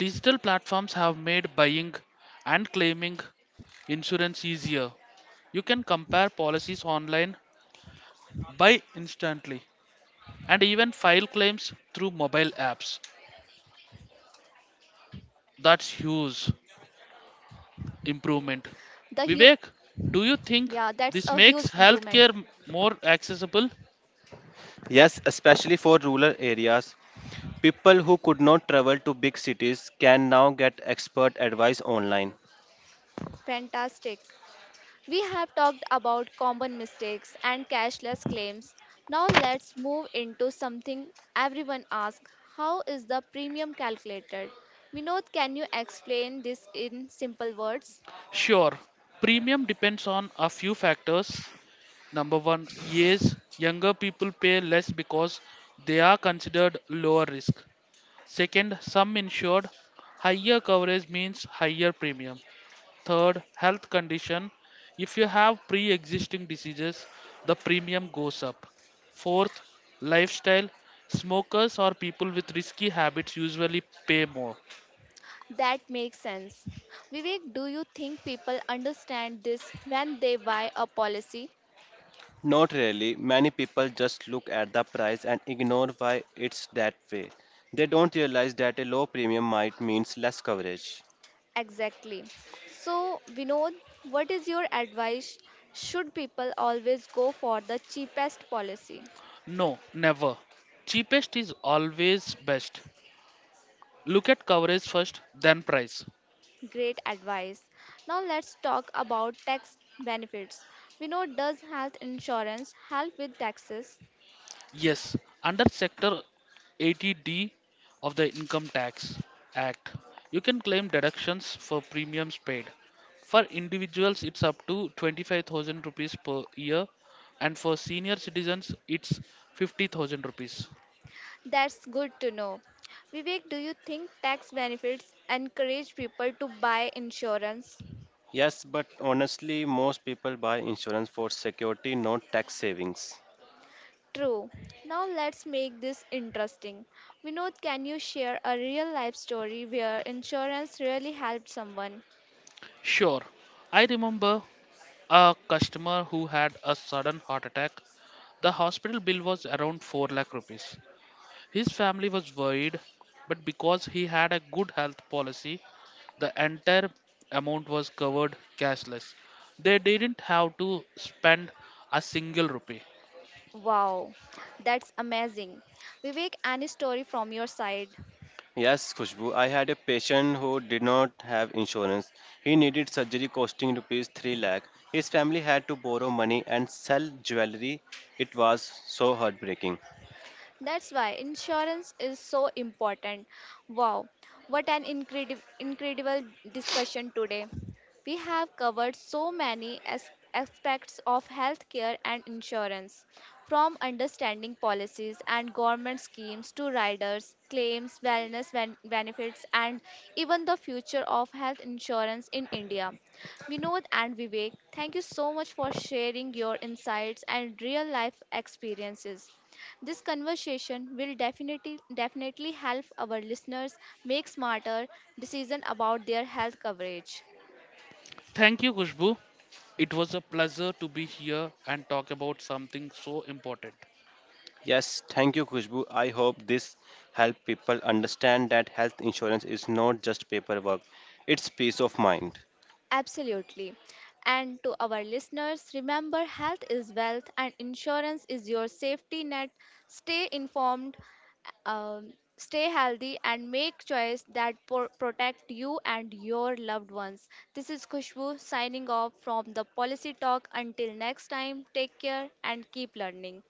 S2: Digital platforms have made buying and claiming insurance easier. You can compare policies online, buy instantly, and even file claims through mobile apps. That's huge
S1: the huge
S2: improvement.
S1: yeah, that's
S2: Vivek,
S1: a huge
S2: do you think
S1: improvement.
S2: this makes healthcare more accessible?
S3: Yes, especially for rural areas, people who could not travel to big cities can now get expert advice online.
S1: Fantastic. We have talked about common mistakes and cashless claims. Now let's move into something everyone asks. How is the premium calculated? Vinod, can you explain this in simple words?
S2: Sure. Premium depends on a few factors. Number one, age. Younger people pay less because they are considered lower risk. Second, some insured. Higher coverage means higher premium. Third, health condition. If you have pre existing diseases, the premium goes up. Fourth, lifestyle. Smokers or people with risky habits usually pay more.
S1: That makes sense. Vivek, do you think people understand this when they buy a policy?
S3: Not really, many people just look at the price and ignore why it's that way. They don't realize that a low premium might means less coverage.
S1: Exactly. So, Vinod, what is your advice? Should people always go for the cheapest policy?
S2: No, never. Cheapest is always best. Look at coverage first, then price.
S1: Great advice. Now, let's talk about tax benefits. We know does health insurance help with taxes?
S2: Yes, under Sector 80D of the Income Tax Act, you can claim deductions for premiums paid. For individuals, it's up to 25,000 rupees per year, and for senior citizens, it's 50,000 rupees.
S1: That's good to know. Vivek, do you think tax benefits encourage people to buy insurance?
S3: Yes, but honestly, most people buy insurance for security, not tax savings.
S1: True. Now let's make this interesting. Vinod, can you share a real life story where insurance really helped someone?
S2: Sure, I remember a customer who had a sudden heart attack. The hospital bill was around 4 lakh rupees. His family was worried, but because he had a good health policy, the entire amount was covered cashless. They didn't have to spend a single rupee.
S1: Wow, that's amazing. Vivek, any story from your side?
S3: Yes, Khushbu, I had a patient who did not have insurance. He needed surgery costing rupees 3 lakh. His family had to borrow money and sell jewelry. It was so heartbreaking.
S1: That's why insurance is so important. Wow, what an incredible, incredible discussion today. We have covered so many aspects of healthcare and insurance, from understanding policies and government schemes to riders, claims, wellness benefits, and even the future of health insurance in India. Vinod and Vivek, thank you so much for sharing your insights and real life experiences. This conversation will definitely help our listeners make smarter decisions about their health coverage.
S2: Thank you, Kushbu. It was a pleasure to be here and talk about something so important.
S3: Yes, thank you, Khushbu. I hope this helped people understand that health insurance is not just paperwork, it's peace of mind.
S1: Absolutely. And to our listeners, remember health is wealth and insurance is your safety net. Stay informed, stay healthy, and make choice that protect you and your loved ones. This is Khushbu signing off from the Policy Talk. Until next time, take care and keep learning.